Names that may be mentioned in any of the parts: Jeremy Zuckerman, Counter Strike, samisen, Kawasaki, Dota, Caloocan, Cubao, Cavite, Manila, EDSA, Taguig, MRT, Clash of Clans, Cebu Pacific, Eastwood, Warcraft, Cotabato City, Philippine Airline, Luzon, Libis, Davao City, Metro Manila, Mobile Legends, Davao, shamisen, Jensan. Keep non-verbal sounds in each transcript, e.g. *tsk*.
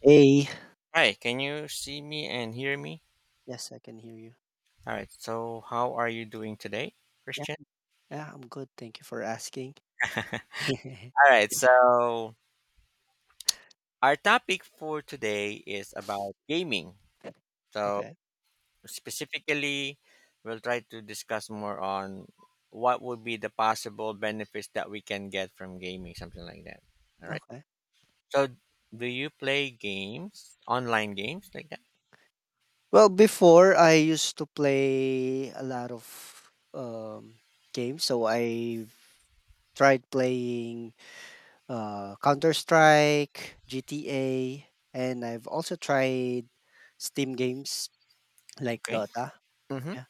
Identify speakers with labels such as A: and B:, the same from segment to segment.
A: Hey.
B: Hi, can you see me and hear me?
A: Yes, I can hear you.
B: All right, so how are you doing today,
A: Yeah,
B: Christian?
A: yeah, I'm good. Thank you for asking.
B: *laughs*
A: *laughs*
B: All right, so our topic for today is about gaming. So,
A: Okay,
B: specifically, we'll try to discuss more on what would be the possible benefits that we can get from gaming, something like that. All right,
A: okay.
B: so do you play games, online games like that?
A: Well, before I used to play a lot of um, games, so I tried playing Counter Strike, GTA, and I've also tried Steam games like
B: Okay.
A: Dota.
B: Mm-hmm.
A: Yeah,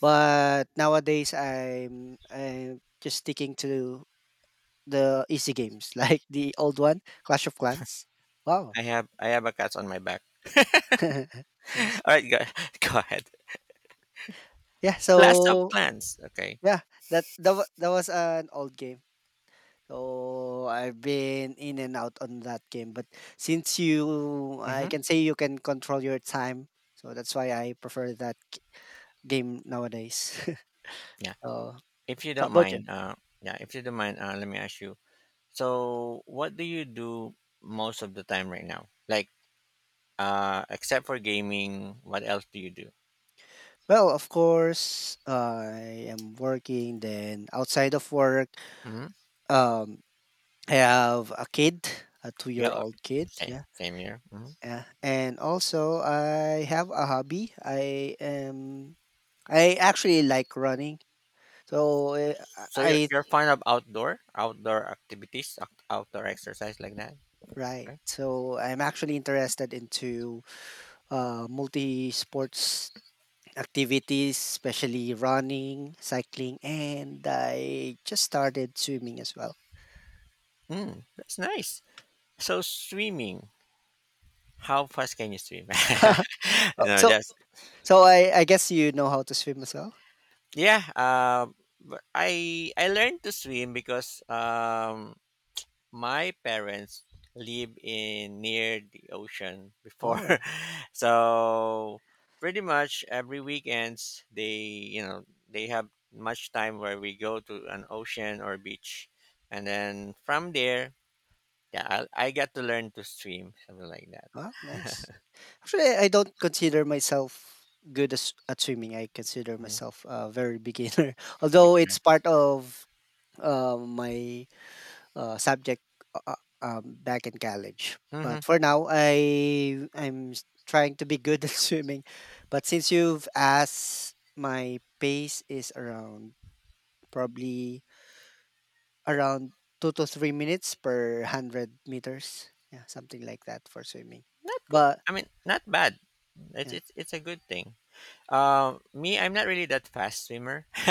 A: but nowadays I'm just sticking to the easy games, *laughs* like the old one, Clash of Clans. Wow.
B: I have a cat on my back.
A: *laughs*
B: *laughs* All
A: Nice.
B: right, go, *laughs* go ahead.
A: Yeah,
B: Clash of
A: so
B: Clans. Okay.
A: yeah, that was an old game. So I've been in and out on that game, but since you I can say you can control your time, so that's why I prefer that game nowadays. *laughs*
B: Yeah.
A: So
B: If you
A: how
B: don't
A: about you?
B: mind, Yeah, if you don't mind, let me ask you. So, what do you do most of the time right now? Like, except for gaming, what else do you do?
A: Well, of course, I am working, then outside of work,
B: Mm-hmm.
A: um I have a kid, a
B: Yeah,
A: 2-year-old kid.
B: same,
A: Yeah.
B: same here.
A: Yeah, and also I have a hobby. I actually like running. So
B: So you're
A: I
B: you're fond of outdoor activities, outdoor exercise like that.
A: right.
B: Okay.
A: So I'm actually interested into multi sports activities, especially running, cycling, and I just started swimming as well.
B: That's nice. So swimming, how fast can you swim?
A: *laughs*
B: *laughs*
A: Oh,
B: No,
A: so
B: just
A: so I guess you know how to swim as well.
B: yeah. But I learned to swim because my parents live in near the ocean before,
A: Wow.
B: *laughs* so pretty much every weekends they you know they have much time where we go to an ocean or beach, and then from there, yeah, I got to learn to swim, something like that.
A: Wow, nice.
B: *laughs*
A: Actually, I don't consider myself good at swimming. I consider myself a very beginner, *laughs* although it's part of my subject back in college.
B: Mm-hmm.
A: But for now, I'm trying to be good *laughs* at swimming. But since you've asked, my pace is around, probably around, 2 to 3 minutes per 100 meters. Yeah, something like that for swimming.
B: Not good.
A: But
B: I mean, not bad. It's,
A: yeah.
B: it's it's a good thing. Me, I'm not really that fast swimmer. *laughs*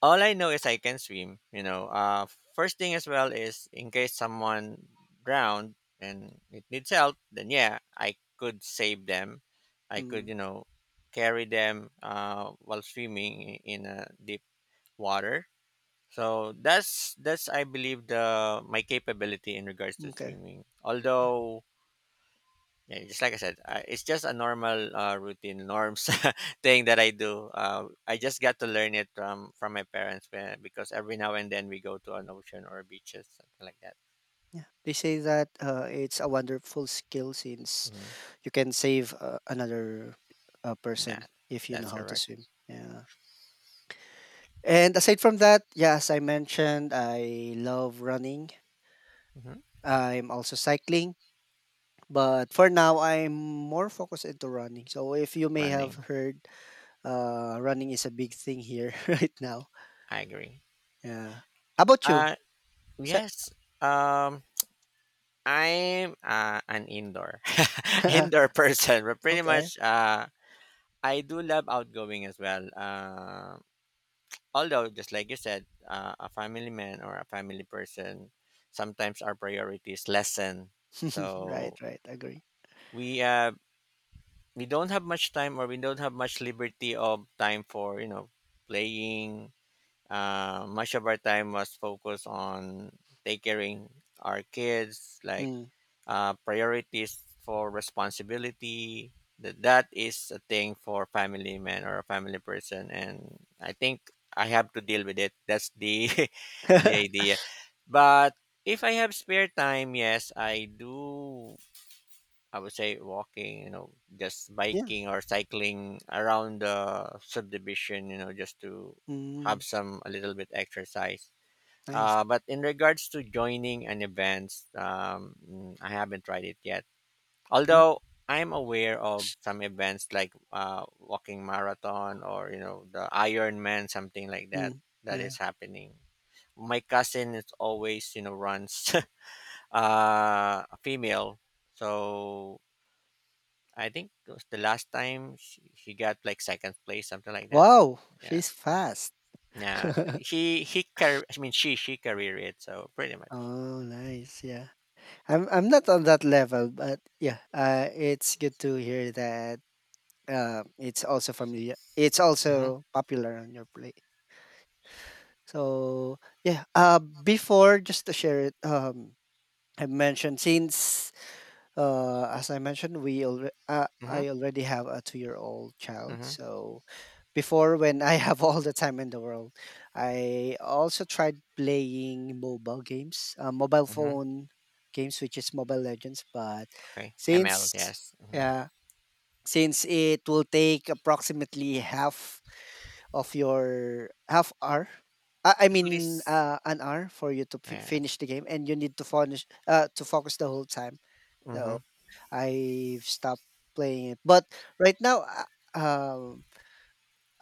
B: All I know is I can swim. First thing as well is in case someone drowned and it needs help, then yeah, I could save them. I could
A: Mm.
B: carry them, while swimming in a deep water. So that's I believe the my capability in regards to
A: Okay.
B: swimming.
A: Yeah,
B: Although yeah, just like I said, it's just a normal routine norms *laughs* thing that I do. I just got to learn it from my parents when, because every now and then we go to an ocean or beaches, something like that.
A: yeah. They say that, it's a wonderful skill since
B: hmm
A: you can save, another, person
B: That
A: if you know
B: that's
A: how to
B: correct.
A: swim. Yeah. And aside from that, yeah, as I mentioned, I love running.
B: hmm
A: I'm also cycling, but for now I'm more focused into running. So if you may have
B: Running,
A: heard, running is a big thing here *laughs* right now.
B: I agree.
A: Yeah. How about you?
B: Uh,
A: Sa-
B: yes. Um, I'm an indoor *laughs*
A: *laughs*
B: indoor person, but pretty
A: okay.
B: much I do love outgoing as well. Although, just like you said, a family man or a family person, sometimes our priorities lessen,
A: *laughs* Right,
B: so
A: right. Agree.
B: we uh we don't have much time, or we don't have much liberty of time for playing. Much of our time was focused on take caring our kids, like
A: Mm.
B: priorities for responsibility. That is a thing for family man or a family person, and I think I have to deal with it. That's the *laughs* the
A: *laughs*
B: idea. But if I have spare time, yes, I do. I would say walking, just
A: Yeah.
B: biking or cycling around the subdivision, just to have
A: Mm,
B: some a little bit exercise.
A: nice.
B: But in regards to joining an event, I haven't tried it yet.
A: Mm,
B: Although I'm aware of some events like walking marathon, or the Ironman, something like that,
A: mm,
B: that
A: yeah.
B: is happening. My cousin is always runs *laughs* a female, so I think it was the last time she got like second place, something like that.
A: Wow,
B: Yeah,
A: she's fast.
B: yeah.
A: *laughs*
B: I mean, she career it, so pretty much.
A: Oh, nice. Yeah. I'm not on that level, but yeah. It's good to hear that. It's also familiar. It's
B: Mm-hmm,
A: also popular on your plate. So yeah. Before just to share it. I mentioned since as I mentioned,
B: mm-hmm,
A: I already have a 2-year-old child.
B: mm-hmm,
A: So before, when I *laughs* have all the time in the world, I also tried playing mobile games, mobile
B: mm-hmm.
A: phone games, which is Mobile Legends. But
B: Okay, ML,
A: since,
B: yes.
A: yeah, since it will take approximately half of your half hour. I
B: At
A: mean,
B: least,
A: an hour for you to
B: yes.
A: finish the game, and you need to finish to focus the whole time.
B: Mm-hmm.
A: So I've stopped playing it, but right now, uh, um,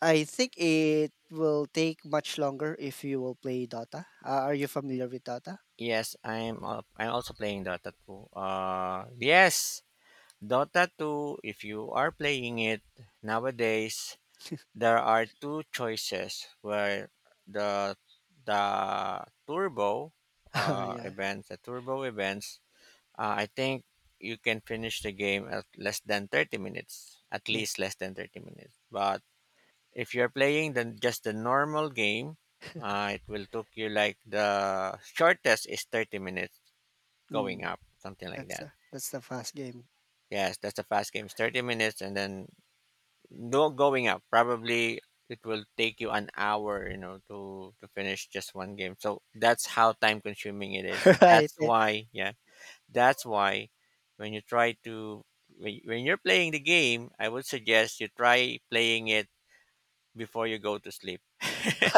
A: I think it will take much longer if you will play Dota. Are you familiar with Dota?
B: Yes, I'm also playing Dota 2, yes. Dota 2, if you are playing it nowadays, there are two choices where the the turbo
A: *laughs*
B: uh,
A: Yeah,
B: events, the turbo events, I think you can finish the game at less than 30 minutes, at
A: yeah.
B: least less than 30 minutes. But if you're playing then just the normal game,
A: *laughs*
B: it will took you like the shortest is 30 minutes, going
A: Mm,
B: up, something like that.
A: that's the fast game,
B: Yes, that's a fast game. It's 30 minutes and then no going up. Probably it will take you an hour, you know, to finish just one game. So that's how time consuming it is.
A: *laughs* right?
B: That's why, yeah, that's why when you try to, when you're playing the game, I would suggest you try playing it before you go to sleep. *laughs*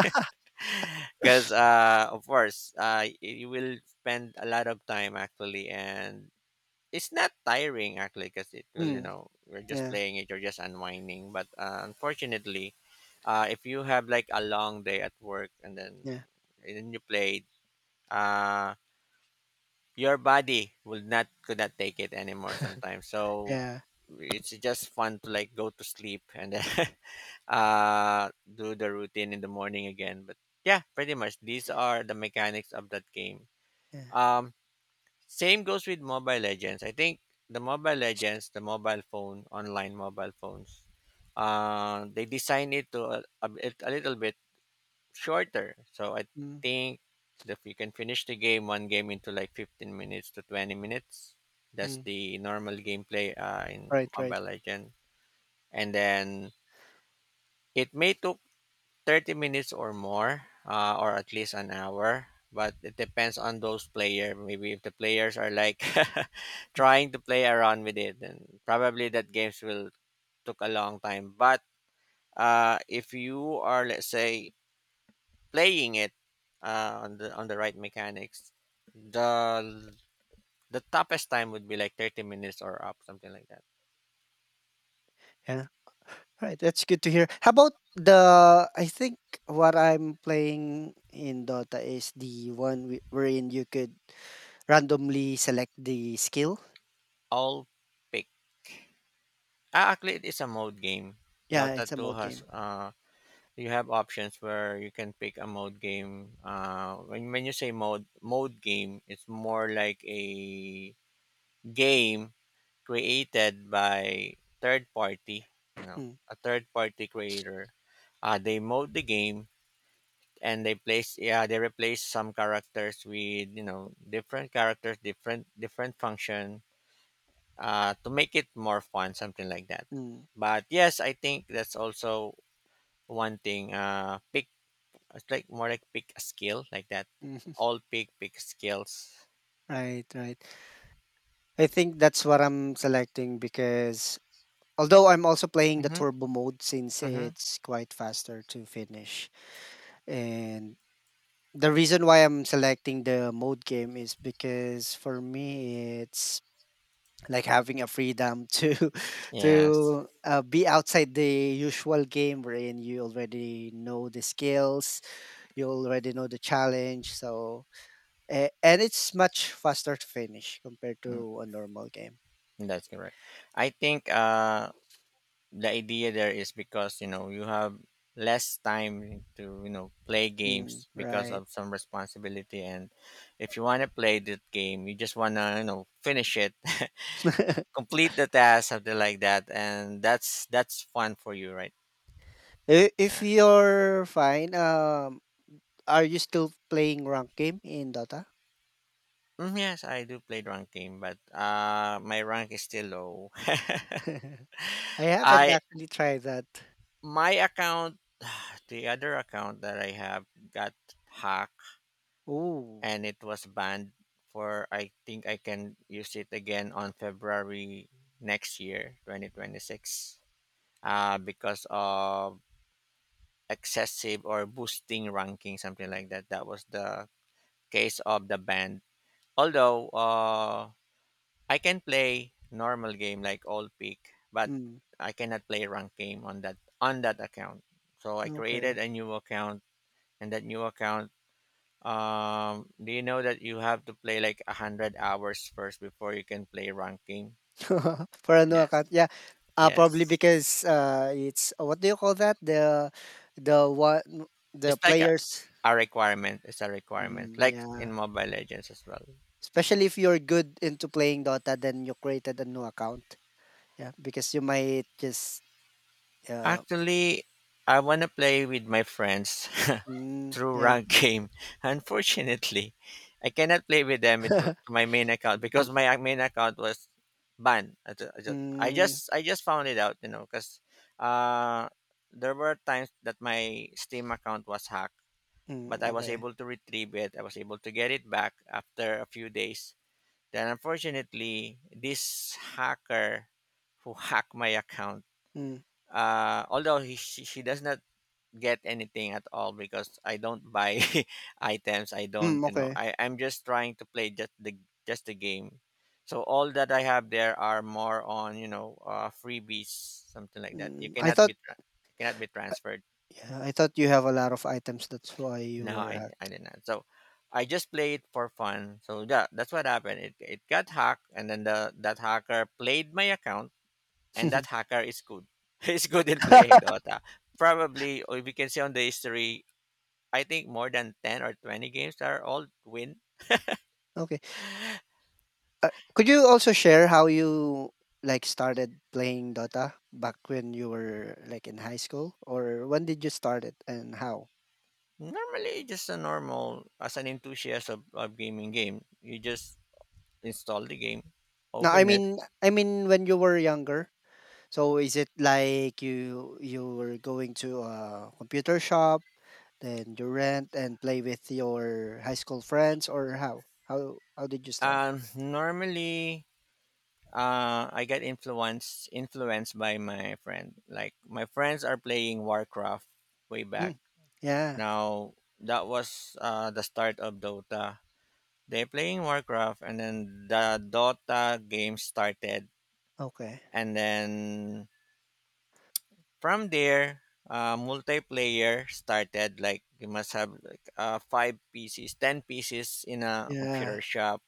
B: Because of course, you will spend a lot of time actually, and it's not tiring actually, because it will you
A: Mm,
B: know we're just
A: yeah,
B: playing it, you're just unwinding. But unfortunately, if you have like a long day at work, and then
A: yeah,
B: you played, uh, your body will not could not take it anymore
A: *laughs*
B: sometimes, so
A: yeah,
B: it's just fun to like go to sleep, and then *laughs* do the routine in the morning again. But yeah, pretty much these are the mechanics of that game.
A: yeah.
B: um Same goes with Mobile Legends. I think the Mobile Legends, the mobile phone, online mobile phones, they design it to a little bit shorter. So I
A: Mm,
B: think if you can finish the game, one game into like 15 minutes to 20 minutes, that's
A: mm.
B: the normal gameplay, in
A: Right, right.
B: Mobile Legend. And then it may took 30 minutes or more, or at least an hour. But it depends on those player. Maybe if the players are like *laughs* trying to play around with it, then probably that games will took a long time. But if you are, let's say, playing it on the right mechanics, the the toughest time would be like 30 minutes or up, something like that.
A: Yeah. All right, that's good to hear. How about the I think what I'm playing in Dota is the one wherein you could randomly select the skill.
B: I'll pick. Ah, actually, it is a mode game.
A: Yeah,
B: Dota
A: it's a
B: 2
A: mode
B: has,
A: game.
B: you have options where you can pick a mode game. When you say mode game, it's more like a game created by third party. You know,
A: Mm.
B: a third party creator. They mode the game, and they place yeah, they replace some characters with different characters, different function. To make it more fun, something like that.
A: Mm.
B: But yes, I think that's also one thing. Pick It's like more like pick a skill, like that.
A: *laughs*
B: All pick skills.
A: Right, right. I think that's what I'm selecting because although I'm also playing the
B: Mm-hmm.
A: turbo mode since
B: Mm-hmm.
A: it's quite faster to finish. And the reason why I'm selecting the mode game is because for me it's like having a freedom to *laughs*
B: Yes.
A: to be outside the usual game wherein you already know the skills, you already know the challenge, so and it's much faster to finish compared
B: Mm,
A: to a normal game.
B: that's correct. I think the idea there is because you have less time to play
A: Mm,
B: games because
A: right.
B: of some responsibility, and if you want to play that game, you just wanna finish it, *laughs*
A: *laughs*
B: complete the task, something like that, and that's fun for you, right?
A: If
B: Yeah.
A: you're fine, are you still playing rank game in Dota?
B: Yes, I do play rank game, but my rank is still low. *laughs*
A: *laughs* I haven't
B: I
A: actually tried that.
B: My account, the other account that I have, got hacked
A: Oh,
B: and it was banned for, I think I can use it again on February next year, 2026. Because of excessive or boosting ranking, something like that. That was the case of the ban. Although I can play normal game like old peak, but
A: mm,
B: I cannot play rank game on that account. So I
A: okay.
B: created a new account, and that new account, do you know that you have to play like 100 hours first before you can play ranking?
A: *laughs* For a new
B: Yes.
A: account, yeah. Probably
B: Yes,
A: because it's what do you call that? The what the
B: it's like
A: players.
B: a requirement it's a requirement, like in
A: Yeah.
B: Mobile Legends as well.
A: Especially if you're good into playing Dota, then you created a new account. Yeah, because you might just uh,
B: Actually, I want to play with my friends *laughs* through
A: yeah.
B: rank game. *laughs* Unfortunately, I cannot play with them with my
A: *laughs*
B: main account, because my main account was banned. I ju- I ju- I just
A: Mm,
B: I just found it out, you know, because uh, there were times that my Steam account was hacked, but
A: mm,
B: I was
A: okay.
B: able to retrieve it. I was able to get it back after a few days. Then, unfortunately, this hacker who hacked my account,
A: Mm,
B: although she does not get anything at all, because I don't buy *laughs* items. I don't,
A: mm,
B: you know,
A: okay.
B: I, I'm just trying to play just the game. So all that I have there are more on, freebies, something like that. You
A: Mm, I
B: cannot
A: thought
B: be cannot be transferred.
A: yeah, I thought you have a lot of items, that's why you
B: No,
A: were
B: I
A: hacked.
B: did not. So I just play it for fun. So that that's what happened. It got hacked, and then the that hacker played my account, and
A: *laughs*
B: that hacker is good. *laughs* He's good in playing Dota. Probably, or we can see on the history, I think more than 10 or 20 games that are all win.
A: Okay. Uh, could you also share how you like started playing Dota back when you were like in high school, or when did you start it and how?
B: Normally, just a normal, as an enthusiast of gaming game, you just install the game,
A: No, I
B: open it.
A: mean, I mean when you were younger. So is it like you're going to a computer shop, then you rent and play with your high school friends, or how? How did you start?
B: Normally, I get influenced by my friend. Like, my friends are playing Warcraft way back.
A: Mm. Yeah.
B: Now, that was the start of Dota. They're playing Warcraft, and then the Dota game started,
A: Okay.
B: and then from there, multiplayer started. Like, you must have like five pieces, 10 pieces in a
A: Yeah.
B: computer shop,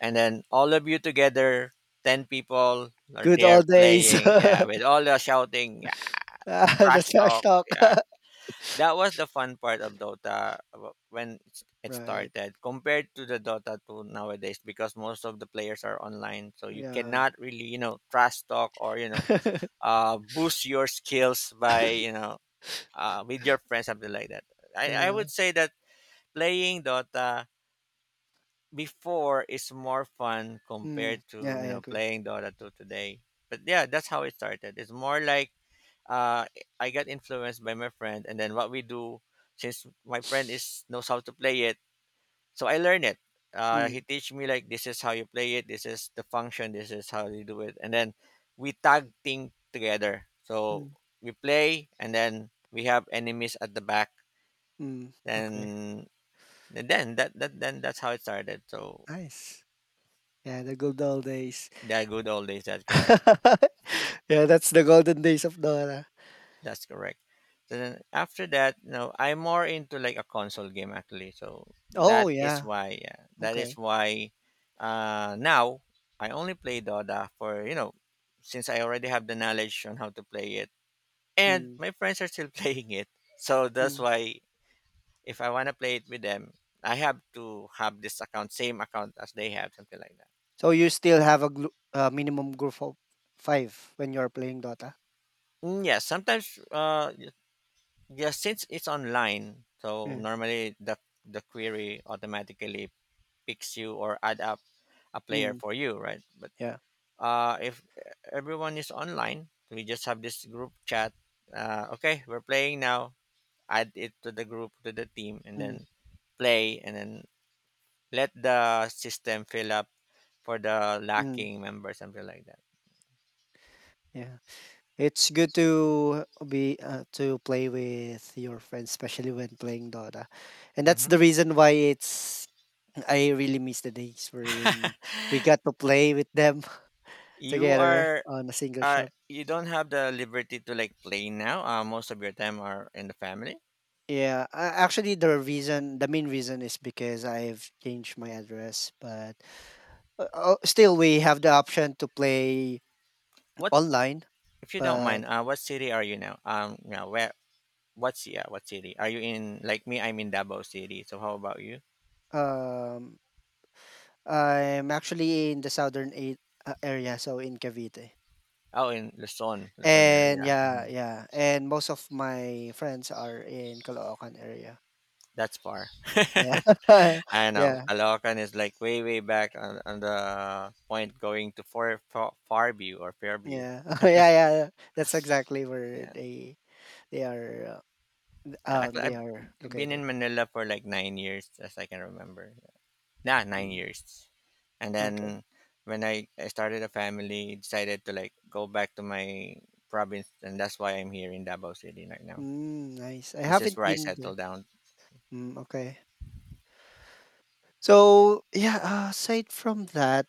B: and then all of you together, 10 people are
A: Good
B: there
A: old days.
B: playing. Yeah, with
A: *laughs*
B: all the shouting, yeah,
A: Ah, the
B: trash
A: trash
B: talk.
A: talk.
B: Yeah,
A: *laughs*
B: that was the fun part of Dota when it
A: Right.
B: started compared to the Dota 2 nowadays because most of the players are online, so you
A: Yeah.
B: cannot really trash talk or
A: *laughs*
B: boost your skills by with your friends, something like that. I would
A: Yeah.
B: say that playing Dota before is more fun
A: Mm.
B: compared to
A: Yeah, I agree.
B: playing Dota 2 today. But yeah, that's how it started. It's more like uh, I got influenced by my friend, and then what we do since my friend is knows how to play it, so I learn it.
A: Mm.
B: He teach me like this is how you play it, this is the function, this is how you do it, and then we tag team together. So
A: Mm.
B: we play, and then we have enemies at the back
A: Mm. Okay.
B: and, and then that, that then that's how it started. So
A: Nice. Yeah, the good old days.
B: that good old days, that's correct.
A: *laughs* Yeah, that's the golden days of Dora.
B: That's correct. So then after that, I'm more into like a console game actually. So that
A: Oh
B: is
A: yeah.
B: why, yeah, that is
A: Okay.
B: why now I only play Dota for since I already have the knowledge on how to play it, and
A: Mm,
B: my friends are still *laughs* playing it, so that's
A: mm.
B: why. If I want to play it with them, I have to have this account, same account as they have, something like that.
A: So you still have a glu minimum group of 5 when you're playing Dota?
B: Mm, yeah, sometimes yeah, since it's online, so
A: Yeah.
B: normally the query automatically picks you or add up a player
A: Mm,
B: for you, right? But
A: yeah.
B: if everyone is online, we just have this group chat. Okay, we're playing now. Add it to the team, and
A: Mm,
B: then play, and then let the system fill up for the
A: mm,
B: lacking member, something like that.
A: yeah. It's good to be to play with your friends, especially when playing Dota. And that's
B: Hmm. *laughs*
A: the reason why it's I really miss the days we're in. We got to play with them *laughs*
B: You
A: together
B: are
A: on a single
B: Uh,
A: shop.
B: you don't have the liberty to like play now. Most of your time are in the family.
A: Yeah, a actually, the main reason is because I've changed my address, but still we have the option to play
B: What,
A: online,
B: if you don't
A: but
B: mind, what city are you now? Yeah, where? What's, yeah? What city are you in? Like me, I'm in Davao City. So how about you?
A: um I'm actually in the southern a area, so in Cavite.
B: Oh, in Luzon, Luzon
A: And
B: area.
A: yeah,
B: Hmm.
A: yeah, and most of my friends are in Caloocan area.
B: That's far. *laughs*
A: Yeah. *laughs* Yeah,
B: I know.
A: yeah.
B: Caloocan is like way, way back on the point going to Far, Far, Farview or
A: *laughs*
B: Fairview.
A: Yeah, yeah. That's exactly where
B: Yeah.
A: they are
B: Actually,
A: they
B: I've
A: are
B: been
A: located.
B: in Manila for like 9 years, as I can remember. Yeah, nine
A: Mm.
B: years. And
A: Okay.
B: then when I started a family, decided to like go back to my province, and that's why I'm here in Davao City right now.
A: Mm, nice. I
B: This is
A: haven't
B: where I
A: been there.
B: settled down.
A: Mm, okay. So yeah, aside from that,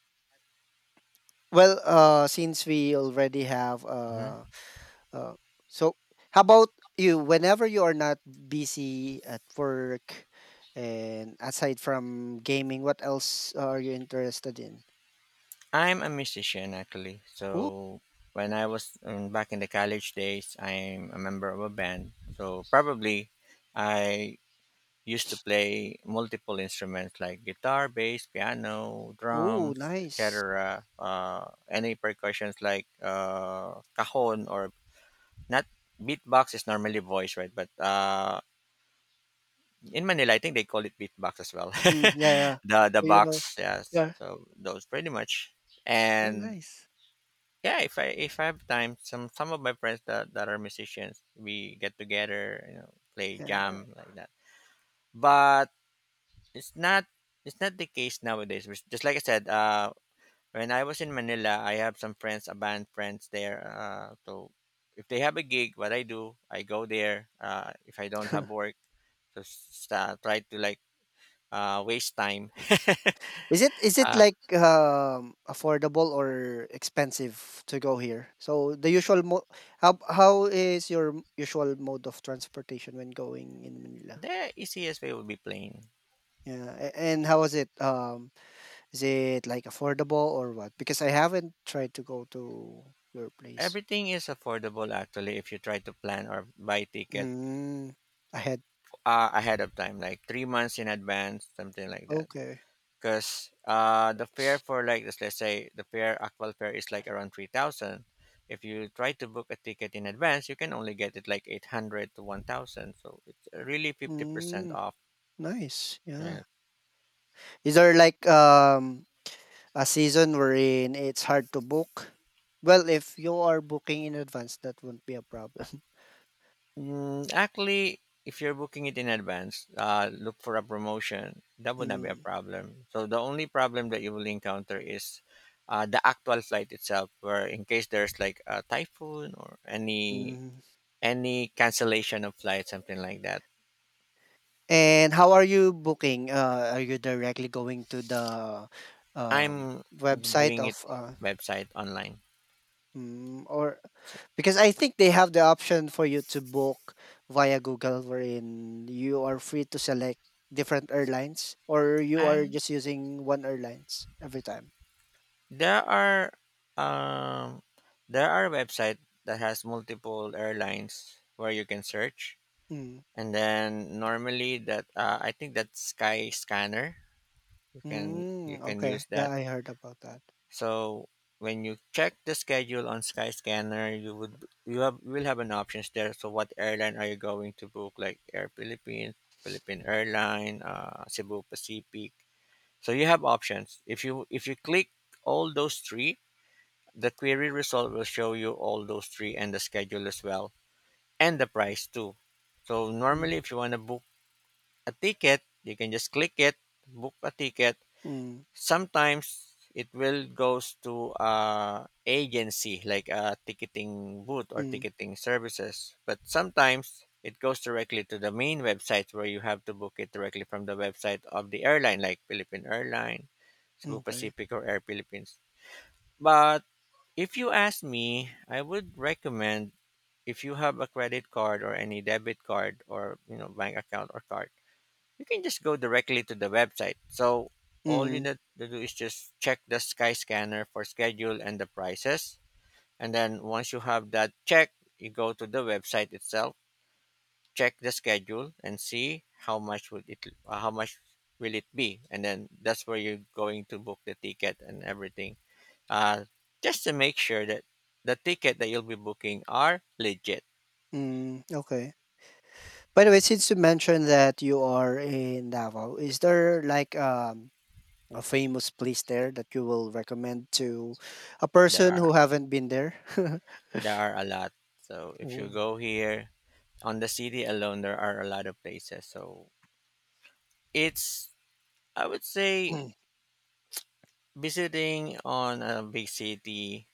A: well, since we already have
B: Hmm.
A: uh, so how about you? Whenever you are not busy at work, and aside from gaming, what else are you interested in?
B: I'm a musician actually.
A: Oh,
B: So when I was back in the college days, I'm a member of a band. So probably I used to play multiple instruments like guitar, bass, piano,
A: oh,
B: drums,
A: nice.
B: etc. Any percussions like cajon or not, beatbox is normally voice, right? But in Manila, I think they call it beatbox as well.
A: Mm, yeah, yeah.
B: *laughs* The
A: So,
B: box, yes.
A: yeah.
B: So those pretty much.
A: Oh,
B: And
A: nice.
B: yeah, if I have time, some of my friends that are musicians, we get together, you know, play
A: Yeah.
B: jam like that. But it's not it's not the case nowadays. Which, just like I said, when I was in Manila, I have some friends, a band friends there. So if they have a gig, what I do, I go there. If I don't
A: *laughs*
B: have work, just try to like waste time.
A: Is it
B: *laughs* uh,
A: like, affordable or expensive to go here? So the usual mo how is your usual mode of transportation when going in Manila?
B: the easiest way would be plane.
A: Yeah, a and how is it? Is it, like, affordable or what? Because I haven't tried to go to your place.
B: Everything is affordable actually if you try to plan or buy ticket
A: Mm, I had
B: ahead of time, like 3 months in advance, something like that.
A: Okay.
B: Because the fare for like, let's say the fare, actual fare is like around 3,000. If you try to book a ticket in advance, you can only get it like 800 to 1000, so it's really 50%
A: Mm,
B: off,
A: nice,
B: yeah.
A: yeah. Is there like, a season wherein it's hard to book. Well, if you are booking in advance, that won't be a problem. *laughs*
B: Mm, actually, if you're booking it in advance, look for a promotion, that would not be a
A: Mm,
B: problem. So the only problem that you will encounter is the actual flight itself where in case there's like a typhoon or
A: mm.
B: any cancellation of flight, something like that.
A: And how are you booking? Are you directly going to the um,
B: I'm
A: website
B: doing it website online.
A: or
B: So,
A: because I think they have the option for you to book via Google, wherein you are free to select different airlines, or you are
B: and
A: just using one airlines every time.
B: there are um, there are website that has multiple airlines where you can search,
A: Mm.
B: and then normally that I think that Sky Scanner, you can
A: Mm, okay.
B: use
A: Yeah,
B: that.
A: I heard about that.
B: So when you check the schedule on Sky Scanner, you would, you have will have an options there. So what airline are you going to book? Like Air Philippines, Philippine Airline, Cebu Pacific. So you have options. If you click all those three, the query result will show you all those three and the schedule as well, and the price too. So
A: Mm,
B: normally if you want to book a ticket, you can just click it, book a ticket.
A: mm,
B: Sometimes it will goes to agency like a ticketing booth or
A: mm,
B: ticketing services, but sometimes it goes directly to the main website where you have to book it directly from the website of the airline like Philippine Airline, Cebu
A: okay.
B: Pacific, or Air Philippines. But if you ask me, I would recommend if you have a credit card or any debit card or bank account or card, you can just go directly to the website. So all you
A: Mm,
B: need to do is just check the Skyscanner for schedule and the prices. And then once you have that check, you go to the website itself, check the schedule, and see how much would it, how much will it be, and then that's where you're going to book the ticket and everything. Uh, just to make sure that the ticket that you'll be booking are legit.
A: mm, okay. By the way, since you mentioned that you are in Davao, is there like a famous place there that you will recommend to a
B: There
A: person
B: are,
A: who haven't been there? *laughs*
B: there are a lot. So if you
A: Oh.
B: go here, on the city alone there are a lot of places, so it's, I would say,
A: Mm,
B: visiting on a big city,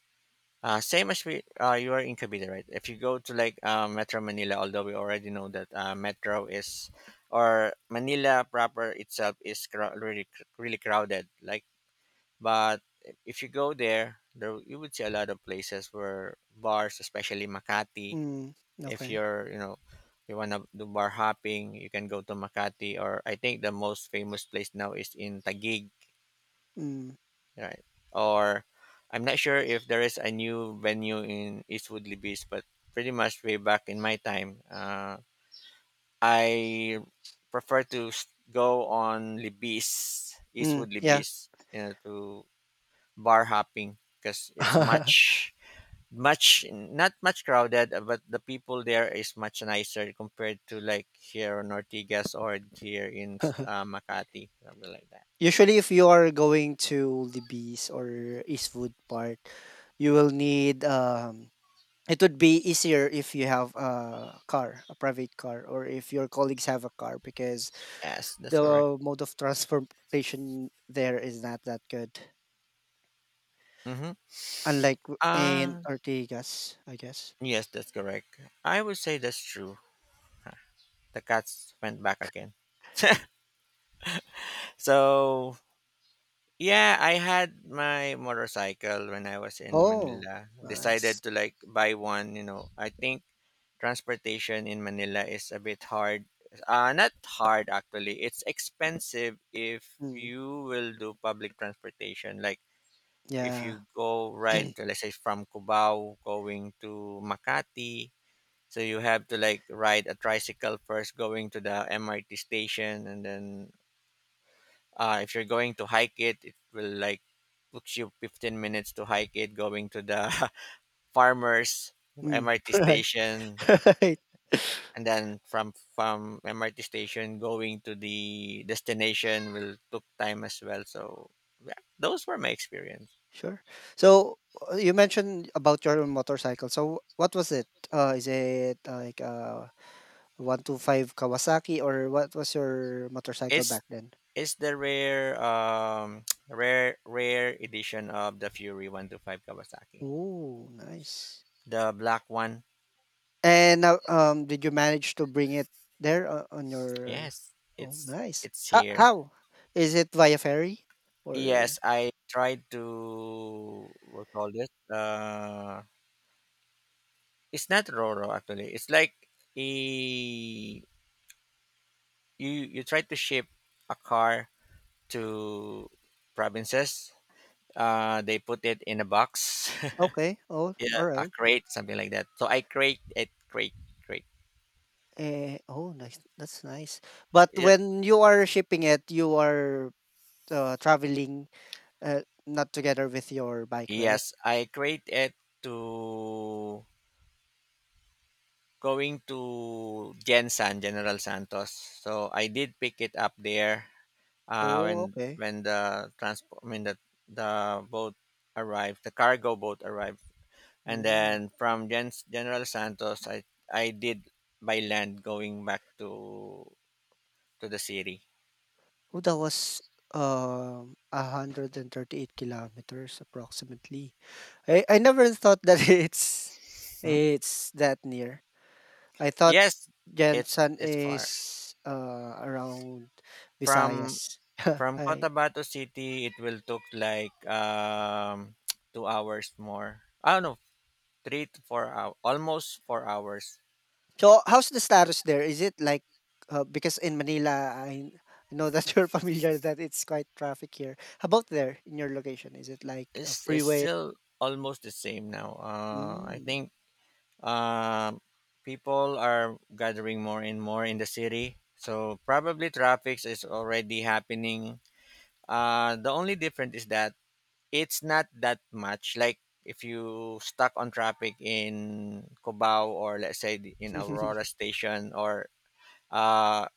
B: same as we, you are in Cavite, right? If you go to like Metro Manila, although we already know that Metro is, or Manila proper itself is crowd, really, really crowded. Like, but if you go there, there you would see a lot of places where bars, especially Makati,
A: mm,
B: if
A: okay.
B: you're, you want to do bar hopping, you can go to Makati, or I think the most famous place now is in Taguig,
A: Mm,
B: right? Or I'm not sure if there is a new venue in Eastwood Libis, but pretty much way back in my time, I prefer to go on Libis,
A: mm,
B: Eastwood
A: yeah.
B: Libis, you know, to bar hopping because it's much,
A: *laughs*
B: much not much crowded. Uh, but the people there is much nicer compared to like here in Ortigas or here in Makati, something like that.
A: Usually, if you are going to the beach or Eastwood Park, you will need, it would be easier if you have a car, a private car, or if your colleagues have a car because
B: Yes, that's
A: the
B: correct.
A: mode of transportation there is not that good.
B: Mm-hmm.
A: Unlike in
B: uh
A: Ortigas, I guess.
B: yes, that's correct. I would say that's true. The cats went back again. So yeah, I had my motorcycle when I was in
A: Oh,
B: Manila. Decided
A: nice.
B: to like buy one, you know. I think transportation in Manila is a bit hard. Uh, not hard actually. It's expensive if
A: Mm,
B: you will do public transportation. Like if you
A: yeah.
B: go right
A: *clears throat*
B: to, let's say from Cubao going to Makati, so you have to like ride a tricycle first going to the MRT station, and then if you're going to hike it, it will like took you 15 minutes to hike it, going to the *laughs* Farmers
A: Mm,
B: MRT
A: *laughs* right.
B: station,
A: *laughs* Right.
B: and then from MRT station going to the destination will took time as well. So yeah, those were my experience.
A: Sure. So you mentioned about your motorcycle. So what was it? Is it like a 125 Kawasaki or what was your motorcycle
B: It's
A: back then?
B: it's the rare *tsk* rare edition of the Fury 125 Kawasaki.
A: Oh, nice.
B: The black one.
A: And now, did you manage to bring it there on your?
B: Yes,
A: Oh, nice.
B: it's
A: How?
B: here.
A: How? Is it via ferry
B: Yes,
A: or?
B: I tried to, what call it? It's not Roro actually. It's like a, you try to ship a car to provinces. They put it in a box,
A: Okay. Oh,
B: *laughs* yeah,
A: all
B: a
A: right.
B: crate, something like that. So I crate it, crate.
A: Oh, nice. That's nice. But
B: Yeah,
A: when you are shipping it, you are traveling uh, not together with your bike, right?
B: yes, I crate it to going to Jensan, General Santos. So I did pick it up there when
A: Oh, okay.
B: when the transport, I mean the boat arrived, the cargo boat arrived, and
A: Mm.
B: then from General Santos, I did by land going back to the city.
A: Oh, that was, 138 kilometers approximately. I never thought that *laughs* it's
B: Hmm?
A: it's that near. I thought
B: Yes,
A: Jensen
B: it's far
A: is around
B: from
A: Visayas. *laughs*
B: from
A: I
B: Cotabato City. It will took like *tsk* 2 hours more. I don't know, 3 to 4 hours, almost 4 hours.
A: so how's the status there? Is it like because in Manila I know that *laughs* you're familiar that it's quite traffic here. How about there in your location? Is it like a
B: It's
A: freeway?
B: still almost the same now. I
A: Mm.
B: think, Um, people are gathering more and more in the city, so probably traffic is already happening. The only difference is that it's not that much. Like if you stuck on traffic in Cubao, or let's say in Aurora
A: *laughs*
B: Station, or uh,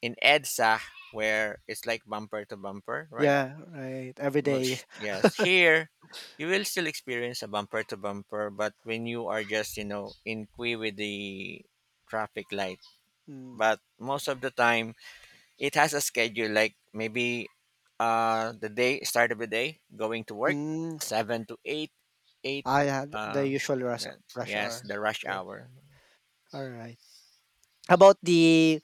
B: in EDSA, where it's like bumper to bumper, right?
A: Yeah, right. Every
B: Well,
A: day.
B: yes, here you will still experience a bumper to bumper, but when you are just, you know, in queue with the traffic light.
A: Mm.
B: But most of the time it has a schedule like maybe the day, start of the day going to work,
A: Mm.
B: seven to eight, eight,
A: Ah, yeah, th the
B: uh
A: usual rush
B: that,
A: rush
B: yes,
A: hour.
B: the rush
A: Okay,
B: hour.
A: alright. How about the,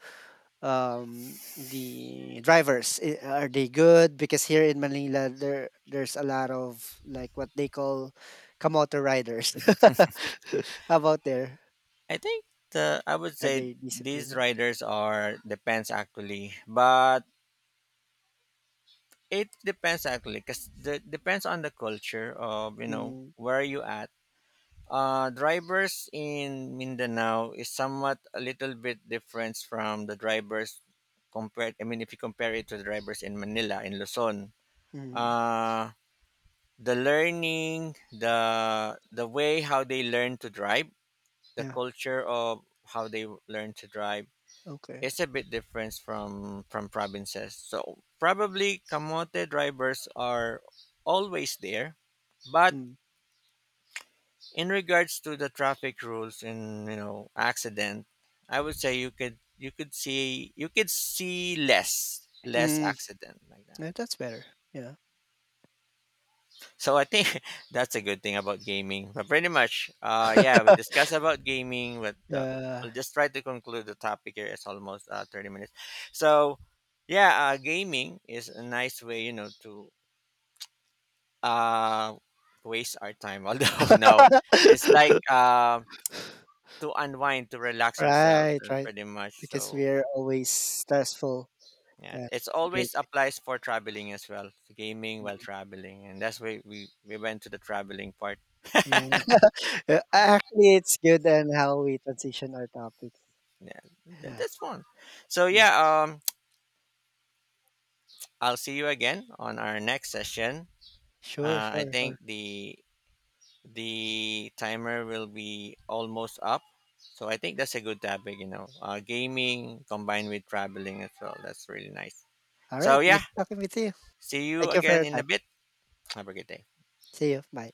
A: um, the drivers? I Are they good? Because here in Manila, there's a lot of, like, what they call kamote riders. *laughs* How about there?
B: I think the I would
A: Are
B: say
A: they
B: these
A: disciplined?
B: riders are depends actually. But it depends actually, because the, depends on the culture of, you know,
A: Mm,
B: where you at. Uh, drivers in Mindanao is somewhat a little bit different from the drivers compared, I mean, if you compare it to the drivers in Manila, in Luzon.
A: mhm,
B: Uh, the learning, the way how they learn to drive, the
A: yeah,
B: culture of how they learn to drive,
A: okay.
B: it's a bit different from provinces. So probably Camote drivers are always there, but
A: Mm,
B: in regards to the traffic rules and, you know, accident, I would say you could, you could see, you could see less, less
A: mm,
B: accident like that.
A: yeah, that's better, yeah.
B: So I think *laughs* that's a good thing about gaming. But pretty much, yeah, we
A: *laughs*
B: discussed about gaming, but
A: Yeah.
B: I'll just try to conclude the topic here. It's almost 30 minutes. So, yeah, gaming is a nice way, you know, to uh, waste our time. *laughs* Although, no, it's like
A: *laughs*
B: to unwind, to relax ourselves,
A: Right,
B: and
A: right,
B: pretty much.
A: because
B: So,
A: we're always stressful.
B: yeah,
A: Yeah,
B: it's
A: it's a great
B: always
A: way.
B: applies for traveling as well, gaming while
A: Mhm.
B: traveling. And that's why we went to the traveling part.
A: Yeah, *laughs* actually, it's good and how we transition our topics.
B: Yeah,
A: Yeah.
B: that's fun. So
A: Yeah,
B: yeah, I'll see you again on our next session.
A: sure,
B: Uh, I
A: sure,
B: think
A: sure.
B: the timer will be almost up. So I think that's a good topic, you know, gaming combined with traveling as well, that's really nice.
A: All right,
B: So
A: nice
B: yeah,
A: talking with you.
B: see you
A: Thank you for
B: again
A: your
B: in
A: time.
B: a bit. Have a good day.
A: See you. Bye.